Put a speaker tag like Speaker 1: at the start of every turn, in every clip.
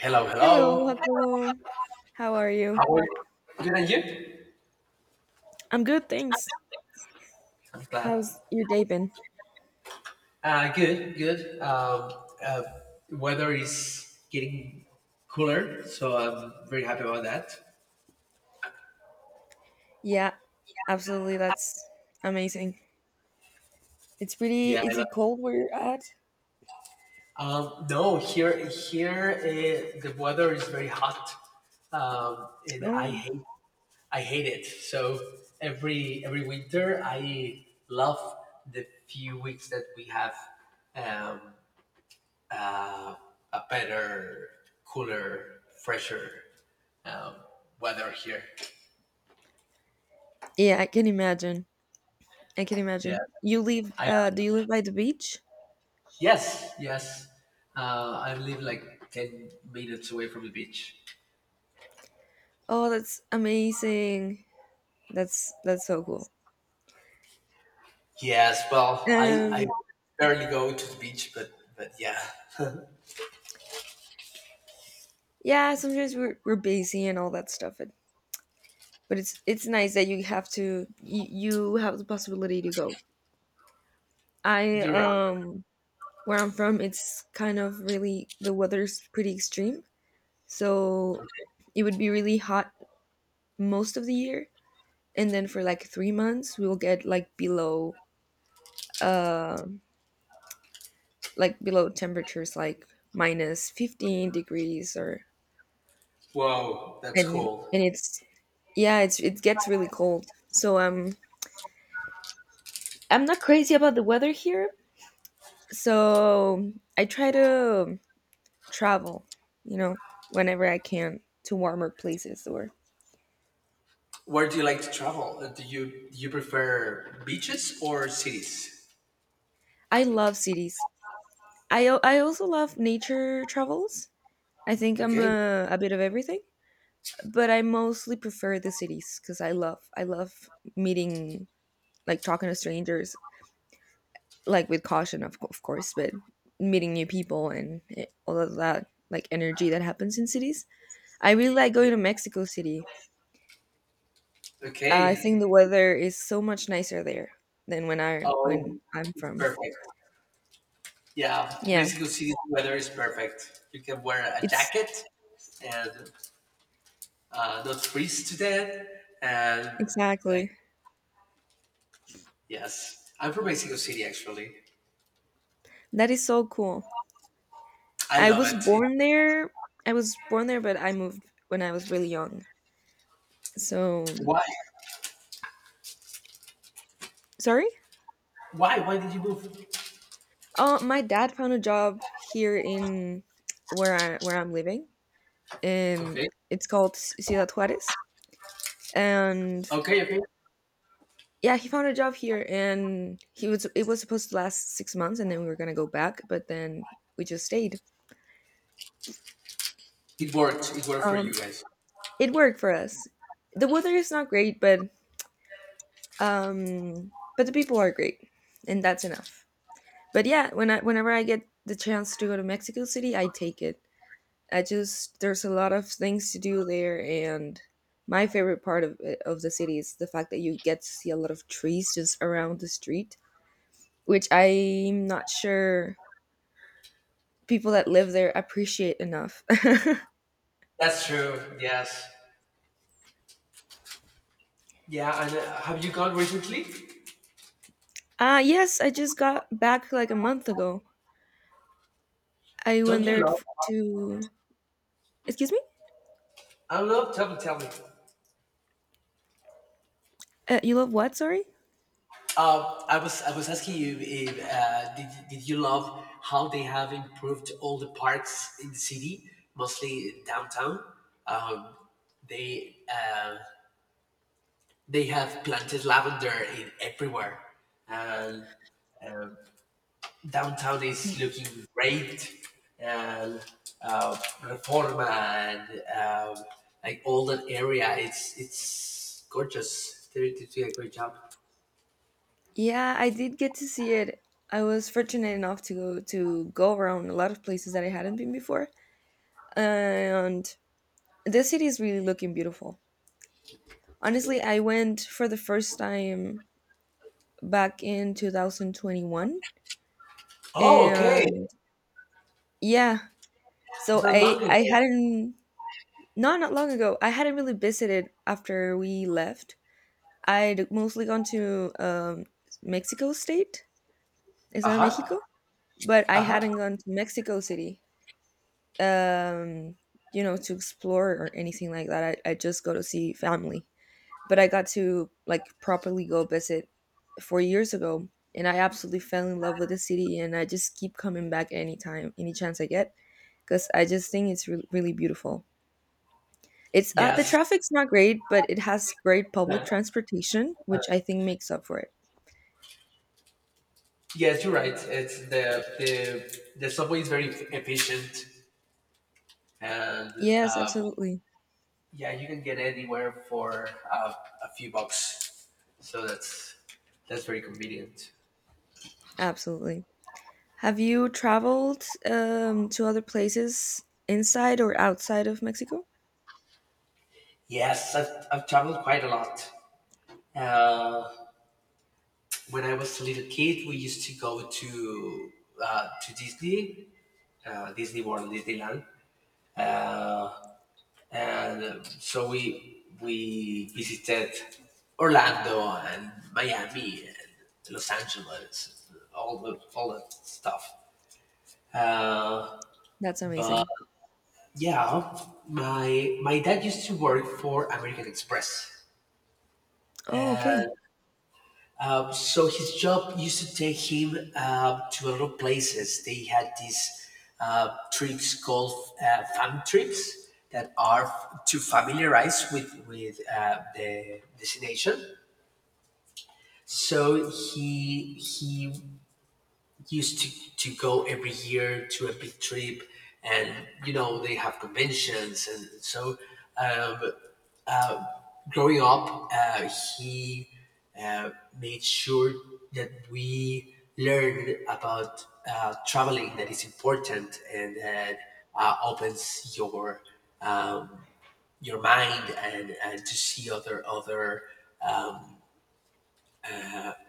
Speaker 1: Hello,
Speaker 2: Hello,
Speaker 1: hello.
Speaker 2: Jacobo. How are
Speaker 1: How
Speaker 2: you?
Speaker 1: are you? Good and you?
Speaker 2: I'm good, thanks.
Speaker 1: I'm glad.
Speaker 2: How's your day been?
Speaker 1: Good, good. Uh, Weather is getting cooler, so I'm very happy about that.
Speaker 2: Yeah, absolutely. That's amazing. It's pretty.
Speaker 1: Yeah, I
Speaker 2: Is
Speaker 1: love.
Speaker 2: it cold where you're at?
Speaker 1: No, here the weather is very hot, and
Speaker 2: Oh,
Speaker 1: I hate it. So every winter, I love the few weeks that we have um, uh, a better, cooler, fresher um, weather here.
Speaker 2: yeah. I can imagine. I can
Speaker 1: Yeah,
Speaker 2: imagine. You live?
Speaker 1: I
Speaker 2: Do you live by the beach?
Speaker 1: yes, yes. I live like 10 minutes away from the beach.
Speaker 2: Oh, that's amazing. That's so cool.
Speaker 1: Yes, well, I
Speaker 2: Um,
Speaker 1: barely go to the beach, but yeah,
Speaker 2: yeah. Sometimes we're busy and all that stuff, but it's nice that you have to, you have the possibility to go. I
Speaker 1: you're right.
Speaker 2: Where I'm from, it's kind of really, the weather's pretty extreme. So
Speaker 1: Okay.
Speaker 2: it would be really hot most of the year, and then for like 3 months, we will get like uh, below temperatures like minus 15 degrees, or
Speaker 1: Whoa, that's
Speaker 2: and
Speaker 1: cool.
Speaker 2: and it's yeah, it gets really cold. So I'm not crazy about the weather here. So I try to travel, you know, whenever I can, to warmer places, or
Speaker 1: Where do you like to travel? Do you prefer beaches or cities?
Speaker 2: I love cities. I also love nature travels. I think I'm
Speaker 1: Okay.
Speaker 2: a bit of everything, but I mostly prefer the cities because I love meeting, like talking to strangers, like with caution, of course, but meeting new people and all of that, like, energy that happens in cities. I really like
Speaker 1: Yeah.
Speaker 2: going to Mexico City. I think the
Speaker 1: Okay.
Speaker 2: weather is so much nicer there than when I
Speaker 1: Oh,
Speaker 2: when I'm
Speaker 1: it's
Speaker 2: from.
Speaker 1: perfect. Yeah,
Speaker 2: Yeah,
Speaker 1: Mexico City's weather is perfect. You can wear a
Speaker 2: it's
Speaker 1: jacket and not freeze to death. And like,
Speaker 2: exactly.
Speaker 1: yes, I'm from Mexico City actually.
Speaker 2: That is so cool.
Speaker 1: I
Speaker 2: I
Speaker 1: love
Speaker 2: was
Speaker 1: it.
Speaker 2: born there. I was born there, but I moved when I was really young. So
Speaker 1: Why?
Speaker 2: sorry.
Speaker 1: Why? Why did you move?
Speaker 2: My dad found a job here in where I'm living. Um,
Speaker 1: Okay,
Speaker 2: it's called Ciudad Juarez, and
Speaker 1: okay, okay.
Speaker 2: yeah, he found a job here, and he was it was supposed to last 6 months, and then we were gonna go back, but then we just stayed.
Speaker 1: It worked. It worked for you
Speaker 2: Um,
Speaker 1: guys.
Speaker 2: it worked for us. The weather is not great, but the people are great, and that's enough. But yeah, whenever I get the chance to go to Mexico City, I take it. I just There's a lot of things to do there, and my favorite part of the city is the fact that you get to see a lot of trees just around the street, which I'm not sure people that live there appreciate enough.
Speaker 1: That's true. Yes. Yeah. And have you gone recently?
Speaker 2: Yes, I just got back like a month ago. I
Speaker 1: Don't
Speaker 2: went
Speaker 1: you
Speaker 2: there,
Speaker 1: love?
Speaker 2: f- to excuse me.
Speaker 1: I love. Tell me. Tell me.
Speaker 2: You love what? Sorry.
Speaker 1: I was asking you if did you love how they have improved all the parks in the city, mostly downtown. Um, they uh, they have planted lavender in everywhere, and downtown is looking great. And Reforma and um, like all that area, it's gorgeous. They did a great job.
Speaker 2: Yeah, I did get to see it. I was fortunate enough to go around a lot of places that I hadn't been before, and the city is really looking beautiful. Honestly, I went for the first time back in 2021,
Speaker 1: Oh, okay,
Speaker 2: and yeah, so
Speaker 1: not long
Speaker 2: I
Speaker 1: ago.
Speaker 2: hadn't, not long ago. I hadn't really visited after we left. I'd mostly gone to Mexico State. Is
Speaker 1: Uh
Speaker 2: that
Speaker 1: huh.
Speaker 2: Mexico? But I
Speaker 1: Uh-huh.
Speaker 2: hadn't gone to Mexico City, um, to explore or anything like that. I just go to see family. But I got to, like, properly go visit 4 years ago, and I absolutely fell in love with the city, and I just keep coming back anytime, any chance I get, because I just think it's really beautiful. It's The
Speaker 1: Yes.
Speaker 2: traffic's not great, but it has great public
Speaker 1: Uh,
Speaker 2: transportation, which I
Speaker 1: uh,
Speaker 2: think makes up for it.
Speaker 1: yes, you're right. It's the subway is very efficient, and
Speaker 2: Yes,
Speaker 1: uh,
Speaker 2: absolutely,
Speaker 1: yeah, you can get anywhere for a few bucks. So that's very convenient.
Speaker 2: absolutely. Have you traveled to other places inside or outside of Mexico?
Speaker 1: Yes, I've traveled quite a lot. Uh, when I was a little kid, we used to go to Disney, Disney World, Disneyland. Uh, And so we visited Orlando and Miami and Los Angeles, all that stuff. Uh,
Speaker 2: That's
Speaker 1: but
Speaker 2: amazing.
Speaker 1: yeah, my dad used to work for American Express.
Speaker 2: Oh, okay.
Speaker 1: And So his job used to take him to a lot of places. They had these trips called fam trips that are to familiarize with the destination. So he used to go every year to a big trip, and you know they have conventions, and so um, growing up, he uh, made sure that we learn about traveling that is important and that opens um, your mind and to see um,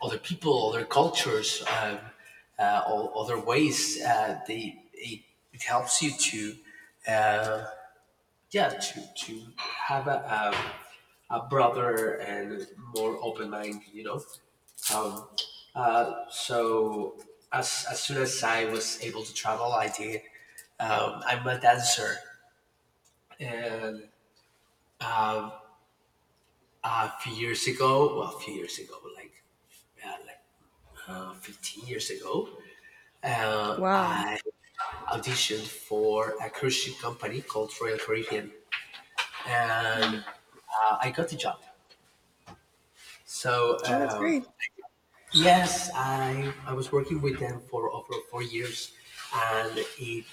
Speaker 1: other people, other cultures, all other ways. It helps you to uh, yeah to have a. A brother and more open mind. Um, so as soon as I was able to travel, I did. I'm a dancer, and um, a few years ago, well, a few years ago, like yeah, like 15 years ago,
Speaker 2: Wow.
Speaker 1: I auditioned for a cruise ship company called Royal Caribbean, and
Speaker 2: Mm.
Speaker 1: I got the job. So
Speaker 2: Oh, that's
Speaker 1: um,
Speaker 2: great.
Speaker 1: Yes, I was working with them for over 4 years, and it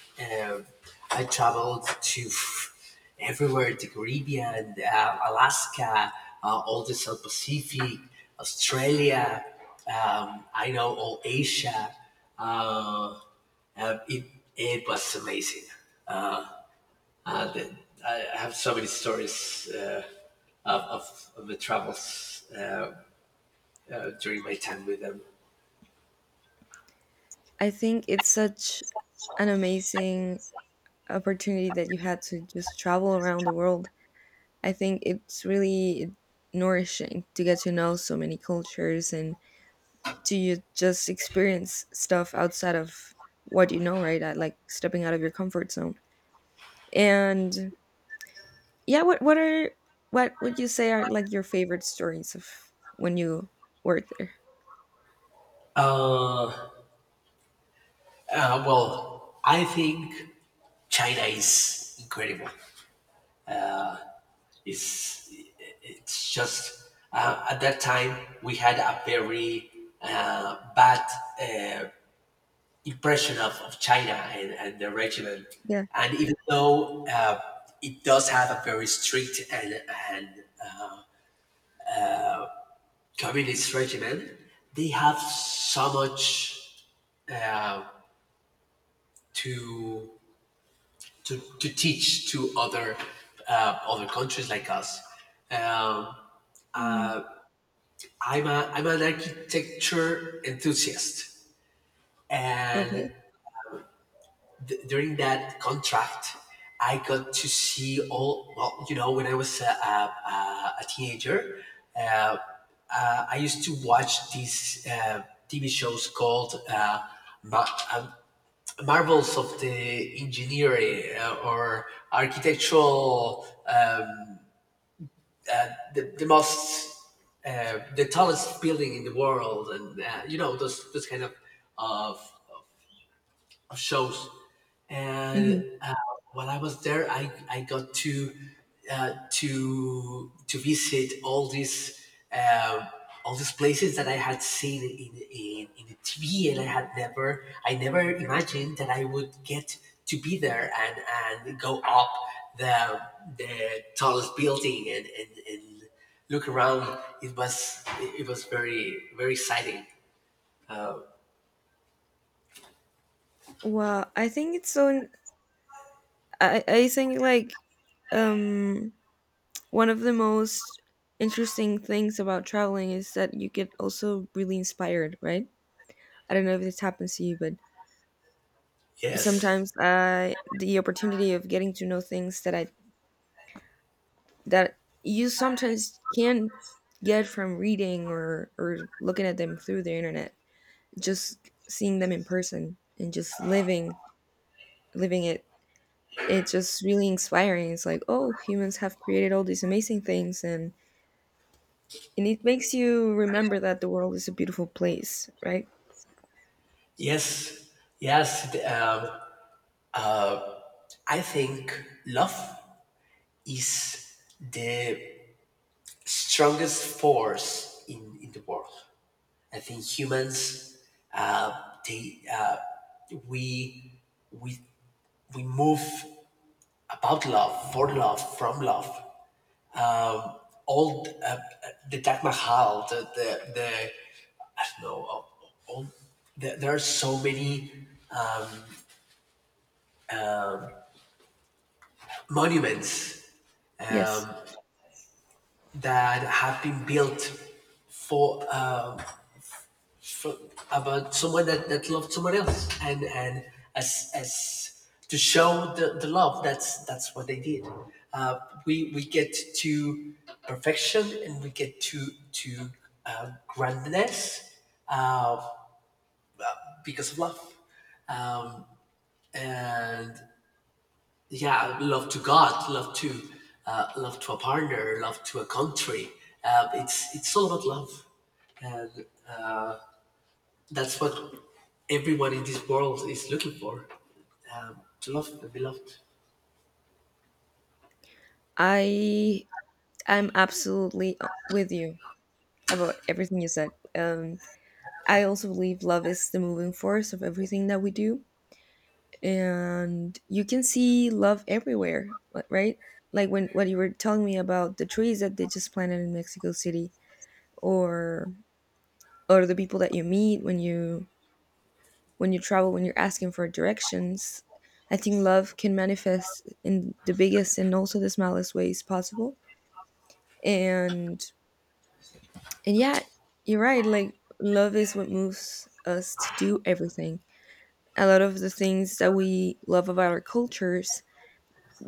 Speaker 1: um, I traveled to everywhere: the Caribbean, Alaska, all the South Pacific, Australia. I know all Asia. Uh, uh, it it was amazing. Uh, the, I have so many stories of the travels during my time with them.
Speaker 2: I think it's such an amazing opportunity that you had to just travel around the world. I think it's really nourishing to get to know so many cultures and to you just experience stuff outside of what you know, right? Like stepping out of your comfort zone. And yeah, what would you say are, like, your favorite stories of when you work there?
Speaker 1: Uh, well, I think China is incredible. It's it's just at that time we had a very bad uh, impression of China and the regime,
Speaker 2: Yeah.
Speaker 1: and even though it does have a very strict and uh, communist regime, they have so much uh, to to teach to other countries like us. Um,
Speaker 2: Mm.
Speaker 1: I'm an architecture enthusiast, and
Speaker 2: Okay.
Speaker 1: during that contract, I got to see all. Well, you know, when I was a teenager, uh, I used to watch these TV shows called Mar- um, Marvels of the Engineering or Architectural the most the tallest building in the world and you know those kind of of shows.
Speaker 2: Mhm.
Speaker 1: And while I was there, I got to visit uh, all these places that I had seen in the TV, and I never imagined that I would get to be there and go up the the tallest building and look around. It was very very exciting.
Speaker 2: Wow, I think it's so. I think, like, um one of the most interesting things about traveling is that you get also really inspired, right? I don't know if this happens to you, but
Speaker 1: Yes,
Speaker 2: sometimes, I, the opportunity of getting to know things that you sometimes can get from reading, or looking at them through the internet, just seeing them in person and just living it's just really inspiring. It's like, oh, humans have created all these amazing things, and it makes you remember that the world is a beautiful place, right?
Speaker 1: yes, yes. Um, I think love is the strongest force in the world. I think humans, uh, they, uh, we, we, we move about love, for love, from love. All the, uh, the Taj Mahal, the I don't know, there are so many monuments
Speaker 2: Yes,
Speaker 1: that have been built for. For, about someone that loved someone else and as to show the love, that's what they did. uh, we get to perfection and we get to grandness because of love. And yeah, love to God, love to love to a partner, love to a country. It's all about love. And. That's what everyone in this world is looking for. To love the beloved.
Speaker 2: I I'm absolutely with you about everything you said. I also believe love is the moving force of everything that we do, and you can see love everywhere, right? Like when what you were telling me about the trees that they just planted in Mexico City, or the people that you meet when you travel, when you're asking for directions, I think love can manifest in the biggest and also the smallest ways possible. And and yeah, you're right. Like love is what moves us to do everything. A lot of the things that we love about our cultures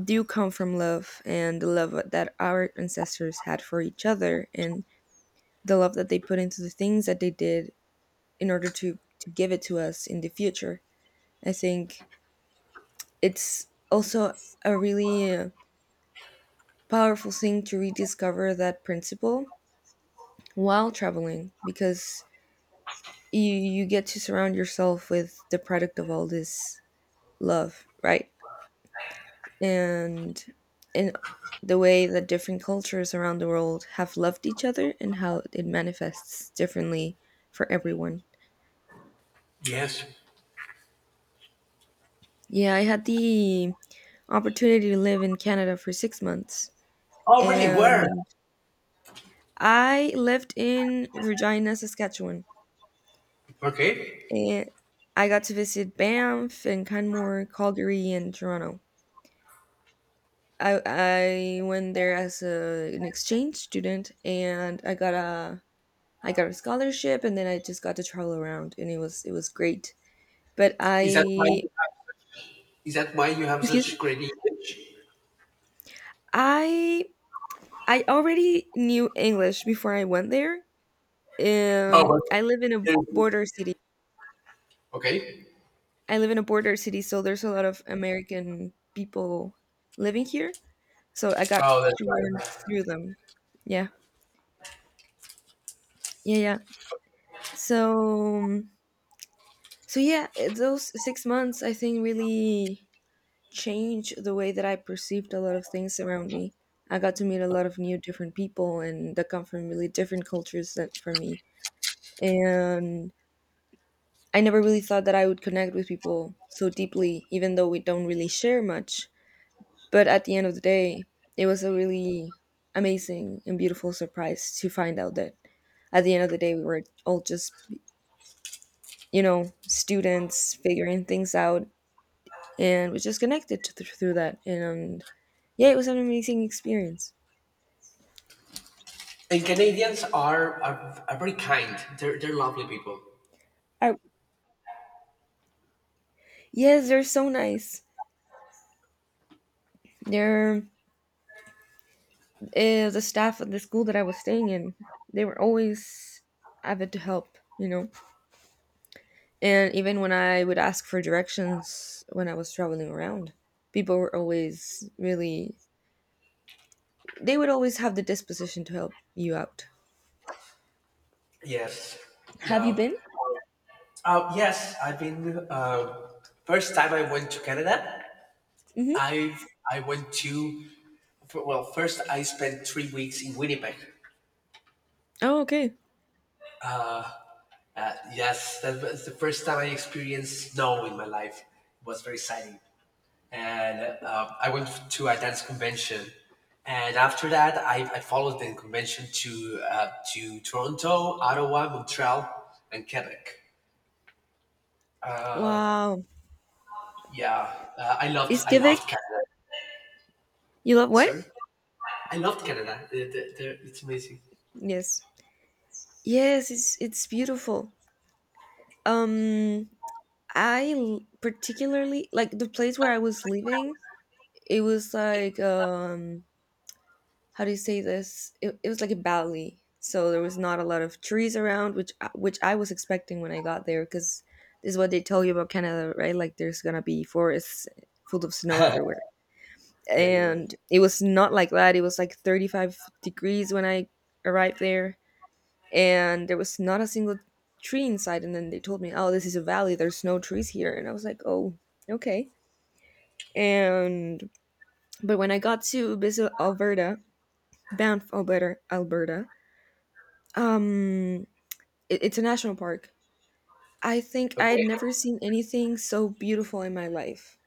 Speaker 2: do come from love, and the love that our ancestors had for each other, and the love that they put into the things that they did in order to give it to us in the future. I think it's also a really powerful thing to rediscover that principle while traveling, because you get to surround yourself with the product of all this love, right? And and the way that different cultures around the world have loved each other, and how it manifests differently for everyone.
Speaker 1: Yes.
Speaker 2: Yeah, I had the opportunity to live in Canada for 6 months,
Speaker 1: Oh, really? Where?
Speaker 2: and I lived in Regina, Saskatchewan.
Speaker 1: Okay.
Speaker 2: And I got to visit Banff and Canmore, Calgary, and Toronto. I went there as an exchange student, and I got a scholarship, and then I just got to travel around, and it was great. But
Speaker 1: Is that why?
Speaker 2: I
Speaker 1: Is that why you have
Speaker 2: Excuse me,
Speaker 1: such great English?
Speaker 2: I I already knew English before I went there.
Speaker 1: Oh, well,
Speaker 2: I live in a border city.
Speaker 1: okay.
Speaker 2: I live in a border city, so there's a lot of American people living here. So I got
Speaker 1: Oh, that's
Speaker 2: to learn
Speaker 1: right.
Speaker 2: through them. Yeah. Yeah, yeah. So um, so yeah, those 6 months, I think, really changed the way that I perceived a lot of things around me. I got to meet a lot of new different people and that come from really different cultures that for me. And I never really thought that I would connect with people so deeply even though we don't really share much. But at the end of the day, it was a really amazing and beautiful surprise to find out that at the end of the day, we were all just, students figuring things out, and we just connected through that. And yeah, it was an amazing experience.
Speaker 1: And Canadians are very kind. They're lovely people.
Speaker 2: I, yes, they're so nice. They're, the staff at the school that I was staying in. They were always avid to help. And even when I would ask for directions when I was traveling around, people were always really, they would always have the disposition to help you out.
Speaker 1: Yes.
Speaker 2: Have you
Speaker 1: Yeah.
Speaker 2: been?
Speaker 1: Yes, I've been. First time I went to Canada,
Speaker 2: Hmm.
Speaker 1: I I went to well, first I spent 3 weeks in Winnipeg.
Speaker 2: Oh, okay.
Speaker 1: Yes, that was the first time I experienced snow in my life. It was very exciting, and I went to a dance convention. And after that, I followed the convention to Toronto, Ottawa, Montreal, and Quebec.
Speaker 2: Wow.
Speaker 1: Yeah, I loved
Speaker 2: Iskivik,
Speaker 1: Canada.
Speaker 2: you love what?
Speaker 1: Sorry, I loved Canada. It's amazing.
Speaker 2: Yes. Yes, it's beautiful. Um, I particularly like the place where I was living. It was, like, how do you say this? It was like a valley, so there was not a lot of trees around, which I was expecting when I got there, because this is what they tell you about Canada, right? Like there's gonna be forests full of snow everywhere,
Speaker 1: Yeah, you're right.
Speaker 2: and it was not like that. It was like 35 degrees when I arrived there, and there was not a single tree inside. And then they told me, "Oh, this is a valley. There's no trees here," and I was like, "Oh, okay." And, but when I got to visit Alberta, Banff, Alberta, Alberta, Um, it, it's a national park. I think I had
Speaker 1: Okay,
Speaker 2: never seen anything so beautiful in my life.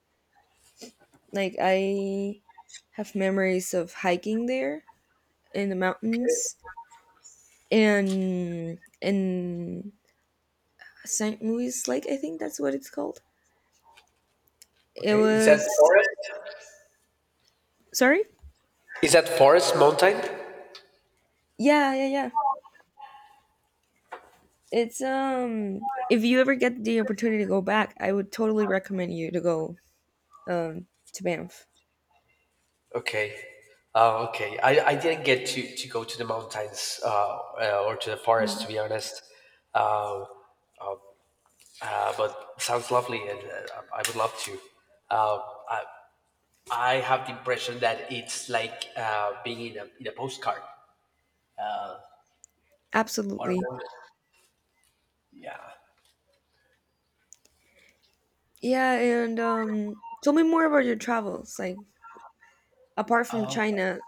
Speaker 2: Like I have memories of hiking there in the
Speaker 1: okay,
Speaker 2: mountains, and in St. Louis Lake, I think that's what it's called. It
Speaker 1: okay. Is that
Speaker 2: was
Speaker 1: forest?
Speaker 2: Sorry?
Speaker 1: Is that Forest Mountain?
Speaker 2: Yeah, yeah, yeah. It's If you ever get the opportunity to go back, I would totally recommend you to go um to Banff.
Speaker 1: Okay. Oh, okay. I didn't get to go to the mountains, or to the forest, to
Speaker 2: Mm.
Speaker 1: be honest. Uh, but sounds lovely, and I would love to. Uh, I, I have the impression that it's like being in in a postcard. What
Speaker 2: Absolutely.
Speaker 1: about it? Yeah.
Speaker 2: Yeah, and, tell me more about your travels. Like apart from
Speaker 1: Um,
Speaker 2: China,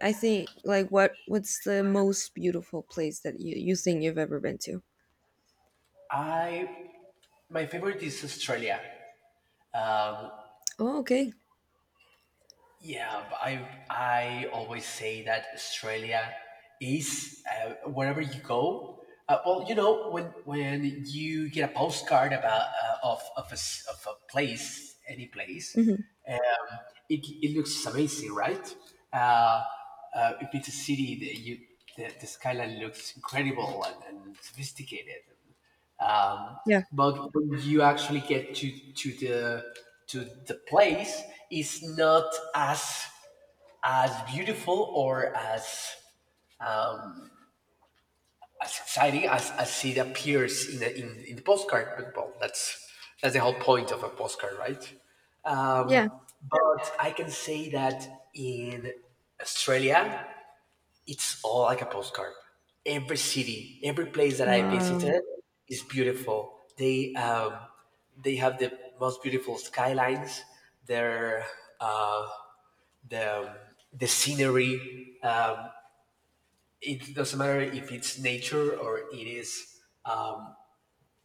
Speaker 2: I think like what's the most beautiful place that you think you've ever been to?
Speaker 1: I My favorite is Australia. Um,
Speaker 2: Oh, okay.
Speaker 1: Yeah, but I always say that Australia is wherever you go. Well, you know when you get a postcard about of of a place, any place.
Speaker 2: Hmm.
Speaker 1: um, it looks amazing, right? Uh, if it's a city, the skyline looks incredible and sophisticated, um,
Speaker 2: Yeah,
Speaker 1: but when you actually get to the place, it's not as beautiful or as exciting as it appears in in the postcard. But well, that's the whole point of a postcard, right? um,
Speaker 2: yeah.
Speaker 1: but I can say that in Australia, it's all like a postcard. Every city, every place that I
Speaker 2: Wow.
Speaker 1: visited is beautiful. They have the most beautiful skylines. Their uh, the the scenery. It doesn't matter if it's nature or it is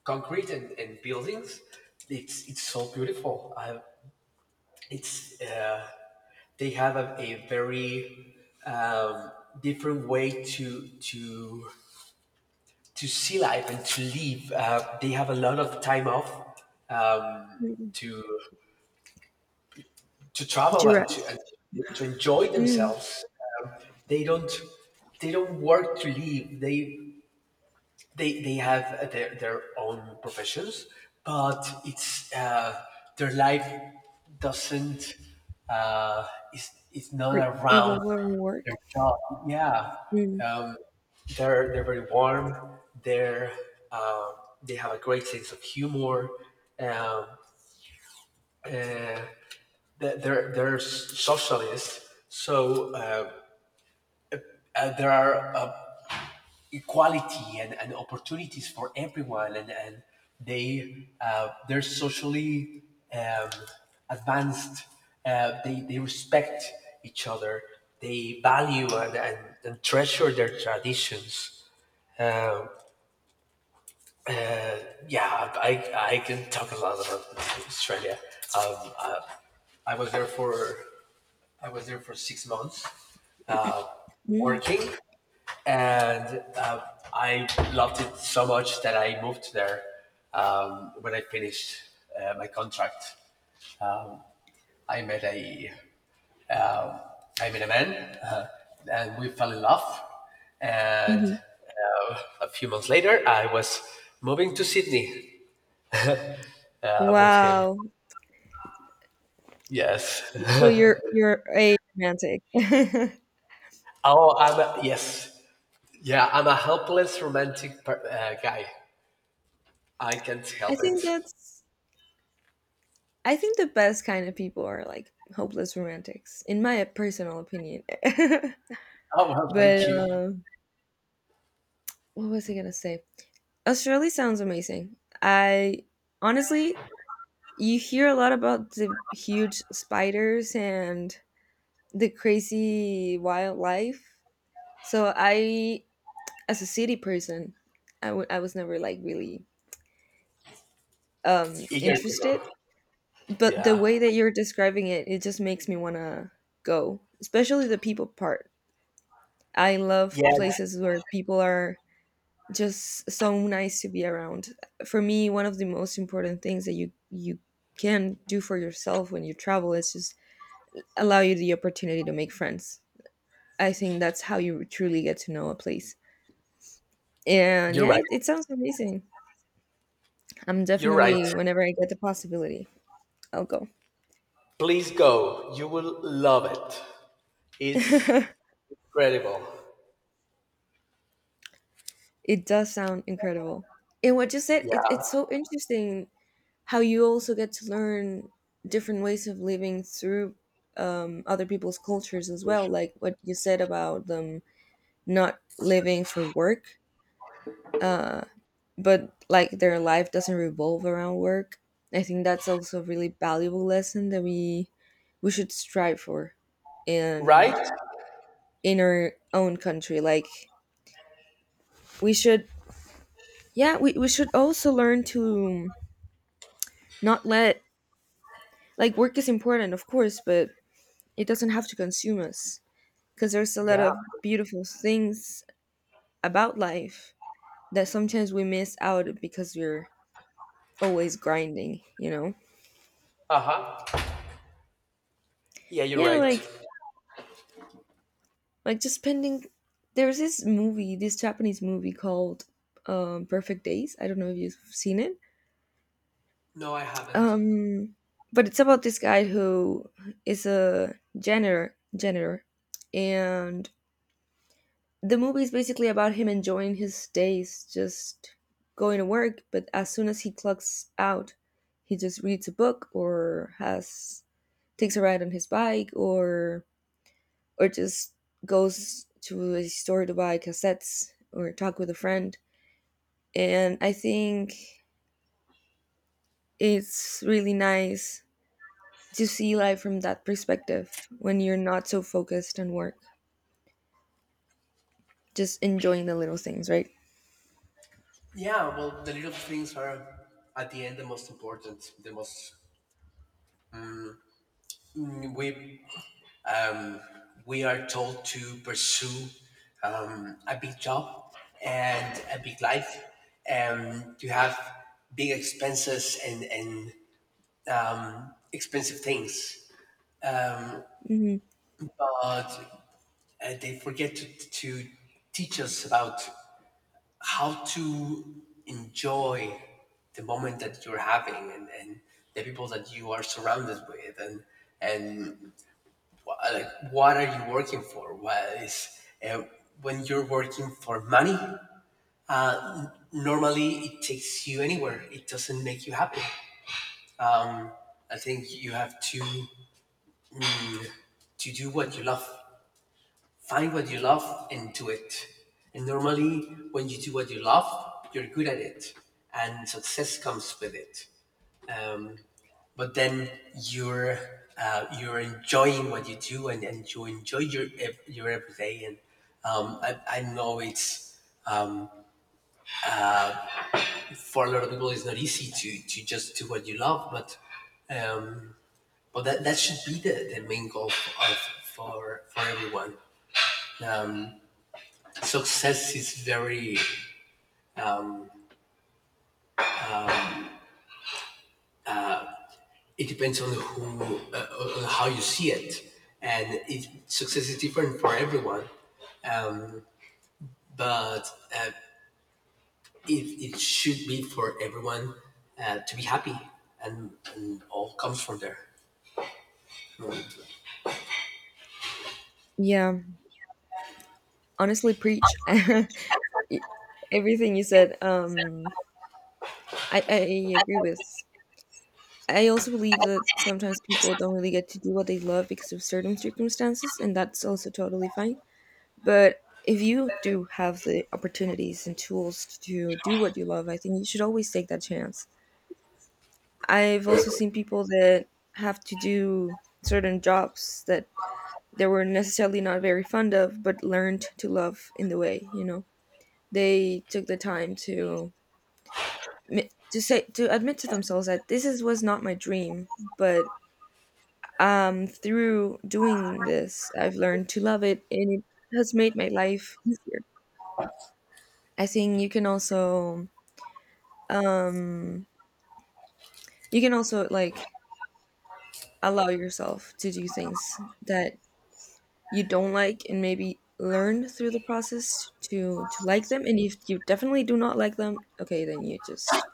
Speaker 1: concrete and buildings. It's so beautiful. I, it's they have a very um, different way to see life and to live. They have a lot of time off, um,
Speaker 2: Mm-mm.
Speaker 1: to to
Speaker 2: Did
Speaker 1: travel
Speaker 2: you
Speaker 1: and
Speaker 2: rest?
Speaker 1: to enjoy
Speaker 2: Mm.
Speaker 1: themselves. Um, they don't they don't work to live. They have their own professions, but it's their life doesn't, uh, is, it's not
Speaker 2: Re-
Speaker 1: around
Speaker 2: revolve around
Speaker 1: their
Speaker 2: work.
Speaker 1: job. Yeah,
Speaker 2: Mm.
Speaker 1: um, they're very warm. Uh, they have a great sense of humor. Um, uh, they're socialists, so there are. Equality and opportunities for everyone, and they they're socially um, advanced. They respect each other. They value, and treasure their traditions. um, uh, yeah, I can talk a lot about Australia. um, uh, I was there for I was there for 6 months, uh,
Speaker 2: Mm.
Speaker 1: working, and I loved it so much that I moved there when I finished my contract. Um, I met a um, I met a man, and we fell in love. And
Speaker 2: Hmm.
Speaker 1: a few months later, I was moving to Sydney with him.
Speaker 2: Wow.
Speaker 1: Yes.
Speaker 2: So you're a romantic.
Speaker 1: Oh, yes. Yeah, I'm a helpless romantic guy. I can't
Speaker 2: I
Speaker 1: help it.
Speaker 2: think that's I think the best kind of people are like hopeless romantics, in my personal opinion.
Speaker 1: Oh well,
Speaker 2: But,
Speaker 1: thank you.
Speaker 2: um, what was I gonna say? Australia sounds amazing. I honestly, you hear a lot about the huge spiders and the crazy wildlife. So I, as a city person, I was never like really
Speaker 1: Eager to
Speaker 2: interested.
Speaker 1: go.
Speaker 2: But the
Speaker 1: Yeah.
Speaker 2: way that you're describing it, it just makes me wanna go, especially the people part. I love
Speaker 1: Yes,
Speaker 2: places where people are just so nice to be around. For me, one of the most important things that you can do for yourself when you travel is just allow you the opportunity to make friends. I think that's how you truly get to know a place. And
Speaker 1: you're
Speaker 2: yeah,
Speaker 1: right.
Speaker 2: it sounds amazing. I'm
Speaker 1: You're right.
Speaker 2: definitely whenever I get the possibility, I'll go.
Speaker 1: Please go. You will love it. It's
Speaker 2: It
Speaker 1: incredible.
Speaker 2: does sound incredible. And what you said, it's
Speaker 1: Yeah.
Speaker 2: so interesting how you also get to learn different ways of living through other people's cultures, as well like what you said about them not living for work, uh, but like their life doesn't revolve around work. I think that's also a really valuable lesson that we should strive for,
Speaker 1: Right?
Speaker 2: and in our own country. Like we should, yeah, we should also learn to not let, like, work is important of course, but it doesn't have to consume us because there's a lot
Speaker 1: Yeah.
Speaker 2: of beautiful things about life that sometimes we miss out because we're always grinding, you know?
Speaker 1: Uh huh. Yeah, you're
Speaker 2: Yeah,
Speaker 1: right.
Speaker 2: like just spending there's this movie, this Japanese movie called Perfect Days. I don't know if you've seen it.
Speaker 1: No, I haven't.
Speaker 2: Um but it's about this guy who is a janitor, and the movie is basically about him enjoying his days. Just going to work, but as soon as he clocks out, he just reads a book, or has takes a ride on his bike, or just goes to a store to buy cassettes, or talk with a friend. And I think it's really nice to see life from that perspective, when you're not so focused on work, just enjoying the little things, right?
Speaker 1: Yeah, well, the little things are at the end the most important. The most mm, we um, we are told to pursue a big job and a big life, and to have big expenses and expensive things, um,
Speaker 2: Hmm.
Speaker 1: but uh, they forget to teach us about how to enjoy the moment that you're having and the people that you are surrounded with and like what are you working for? What is uh, when you're working for money? Normally, it takes you anywhere. It doesn't make you happy. I think you have to do what you love, find what you love and do it. And normally, when you do what you love, you're good at it, and success comes with it. Um, but then you're you're enjoying what you do, and you enjoy your everyday. And I know it's, for a lot of people, it's not easy to just do what you love, um, but that should be the main goal of, for everyone. Success is very, it depends on who on how you see it, and it, success is different for everyone, but uh, it, it should be for everyone to be happy, and all comes from there. Oh,
Speaker 2: Yeah, honestly, preach. e- Everything you said, I agree with. I also believe that sometimes people don't really get to do what they love because of certain circumstances, and that's also totally fine. But if you do have the opportunities and tools to do what you love, I think you should always take that chance. I've also seen people that have to do certain jobs that they were necessarily not very fond of, but learned to love in the way, you know. They took the time to mi- to say to admit to themselves that this is, was not my dream, but through doing this, I've learned to love it, and it has made my life easier. I think you can also, um you can also, like, allow yourself to do things that you don't like, and maybe learn through the process to like them. And if you definitely do not like them, okay, then you just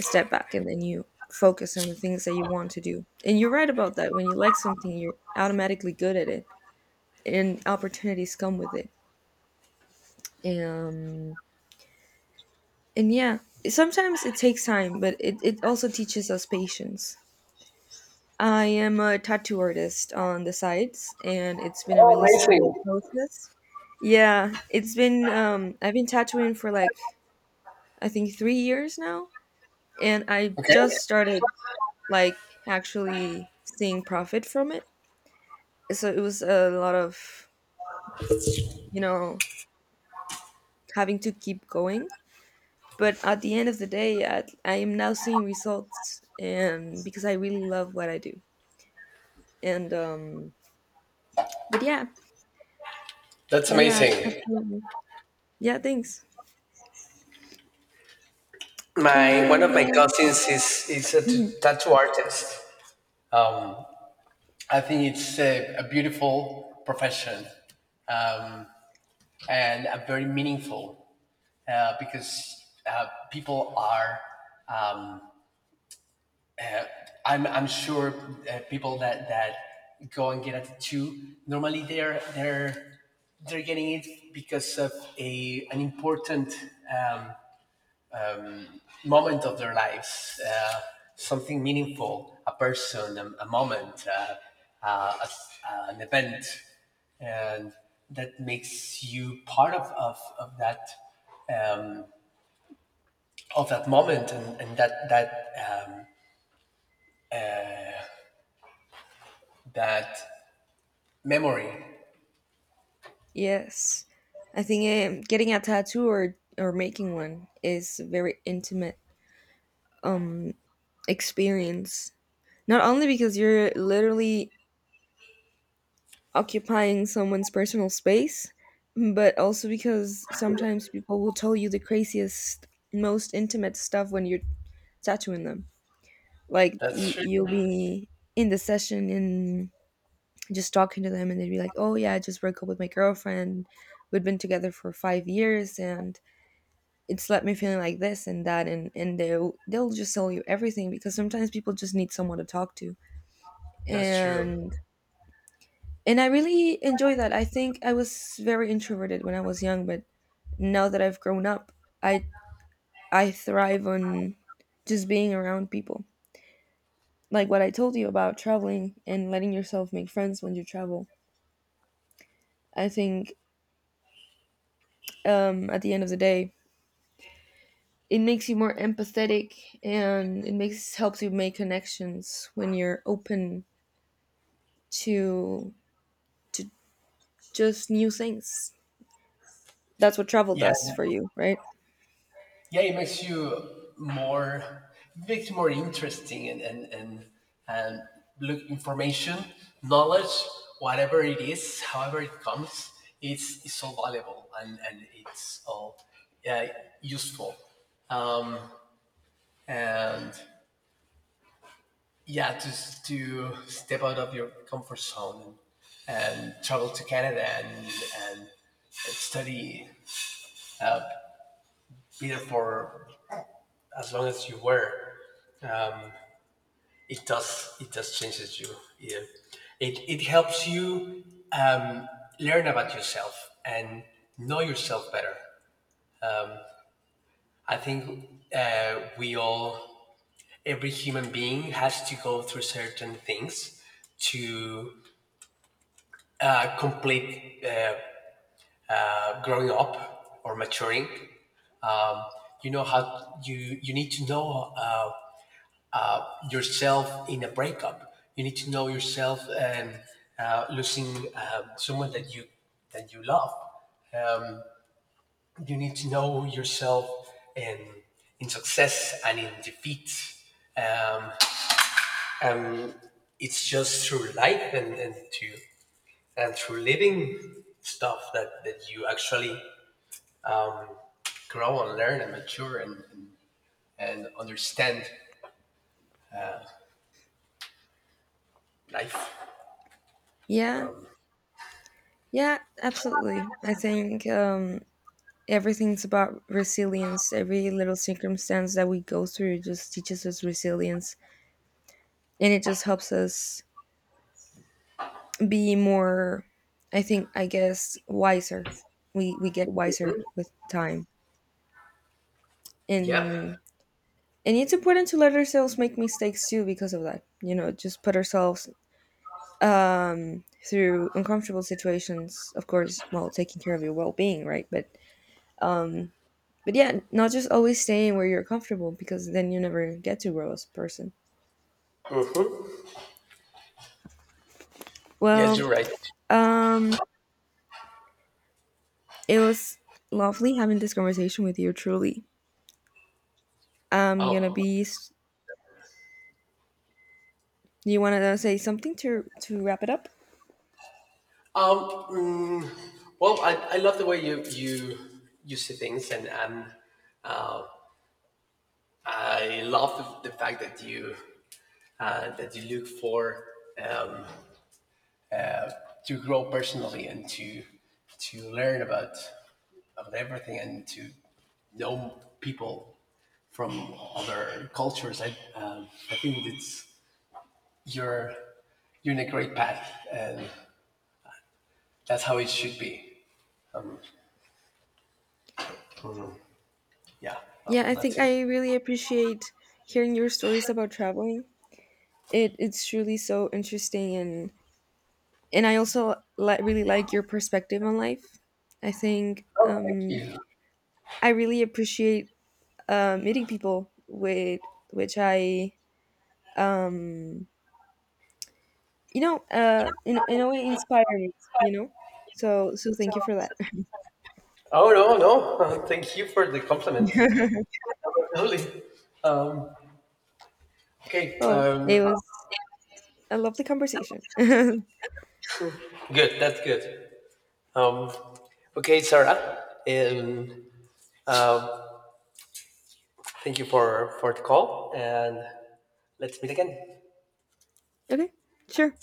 Speaker 2: step back, and then you focus on the things that you want to do. And you're right about that. When you like something, you're automatically good at it, and opportunities come with it. Um, and yeah, sometimes it takes time, but it also teaches us patience. I am a tattoo artist on the sides, and it's been a really
Speaker 1: amazing.
Speaker 2: slow process. Yeah, it's been, I've been tattooing for like, I think 3 years now, and I
Speaker 1: Okay.
Speaker 2: just started like actually seeing profit from it. So it was a lot of, you know, having to keep going, but at the end of the day, I am now seeing results, and because I really love what I do. And but yeah.
Speaker 1: That's
Speaker 2: Yeah, yeah,
Speaker 1: amazing.
Speaker 2: absolutely. Yeah, thanks.
Speaker 1: My one
Speaker 2: And
Speaker 1: of my cousins is a
Speaker 2: mhm.
Speaker 1: tattoo artist. I think it's a beautiful profession, um, and a very meaningful, because people are. Um, I'm sure people that go and get at the two, normally they're getting it because of a an important um, moment of their lives, something meaningful, a person, a moment, an event, and that makes you part of of that, um, of that moment, and um, that memory.
Speaker 2: Yes, I think, getting a tattoo, or making one, is a very intimate um experience, not only because you're literally occupying someone's personal space, but also because sometimes people will tell you the craziest, most intimate stuff when you're tattooing them. Like
Speaker 1: That's true.
Speaker 2: you'll be in the session and just talking to them, and they'd be like, "Oh yeah, I just broke up with my girlfriend. We've been together for 5 years, and it's left me feeling like this and that." And they'll just tell you everything, because sometimes people just need someone to talk to,
Speaker 1: That's true.
Speaker 2: and and I really enjoy that. I think I was very introverted when I was young, but now that I've grown up, I I thrive on just being around people. Like what I told you about traveling and letting yourself make friends when you travel. I think, at the end of the day, it makes you more empathetic, and it makes helps you make connections when you're open to to just new things. That's what travel
Speaker 1: Yeah,
Speaker 2: does for you, right?
Speaker 1: yeah. It makes you more, it makes you more interesting and look, information, knowledge, whatever it is, however it comes, it's so valuable, and it's all, yeah, useful. Um, and yeah, just to step out of your comfort zone and travel to Canada and study, uh, be for as long as you were. It does changes you. Yeah. It helps you, um, learn about yourself and know yourself better. I think we all, every human being has to go through certain things to complete growing up or maturing. Um, you know how you need to know yourself in a breakup. You need to know yourself and losing someone that you love. Um, you need to know yourself in success and in defeat. Um, and it's just through life and through living stuff that you actually, um, grow and learn and mature and understand life.
Speaker 2: Yeah. Yeah, absolutely. I think, everything's about resilience. Every little circumstance that we go through just teaches us resilience, and it just helps us be more. I think, I guess, wiser. We get wiser with time,
Speaker 1: Yeah.
Speaker 2: and and it's important to let ourselves make mistakes too because of that. You know, just put ourselves through uncomfortable situations. Of course, while taking care of your well being, right? But yeah, not just always staying where you're comfortable, because then you never get to grow as a person.
Speaker 1: Yes,
Speaker 2: Well,
Speaker 1: you're right.
Speaker 2: um, it was lovely having this conversation with you. Truly, I'm gonna
Speaker 1: Oh,
Speaker 2: be. S- You wanna say something to wrap it up?
Speaker 1: um, mm, well, I love the way you see things, and I love the fact that you, that you look for, um, to grow personally and to learn about everything and to know people from other cultures. I, um, I think it's, you're you're in a great path, and that's how it should be. Mm-hmm. Yeah. Well,
Speaker 2: Yeah,
Speaker 1: well,
Speaker 2: I
Speaker 1: that's
Speaker 2: think
Speaker 1: it.
Speaker 2: I really appreciate hearing your stories about traveling. It's truly so interesting, and I also really like your perspective on life. I think,
Speaker 1: Oh, thank you.
Speaker 2: I really appreciate meeting people with which I um you know in a way inspire me, you know, so thank you for that.
Speaker 1: Oh no, no. Thank you for the compliment. Lovely. Um, okay.
Speaker 2: Well, it was a lovely conversation.
Speaker 1: Good. That's good. Um, okay, Sarah. And um, uh, thank you for the call, and let's meet again.
Speaker 2: Okay, sure.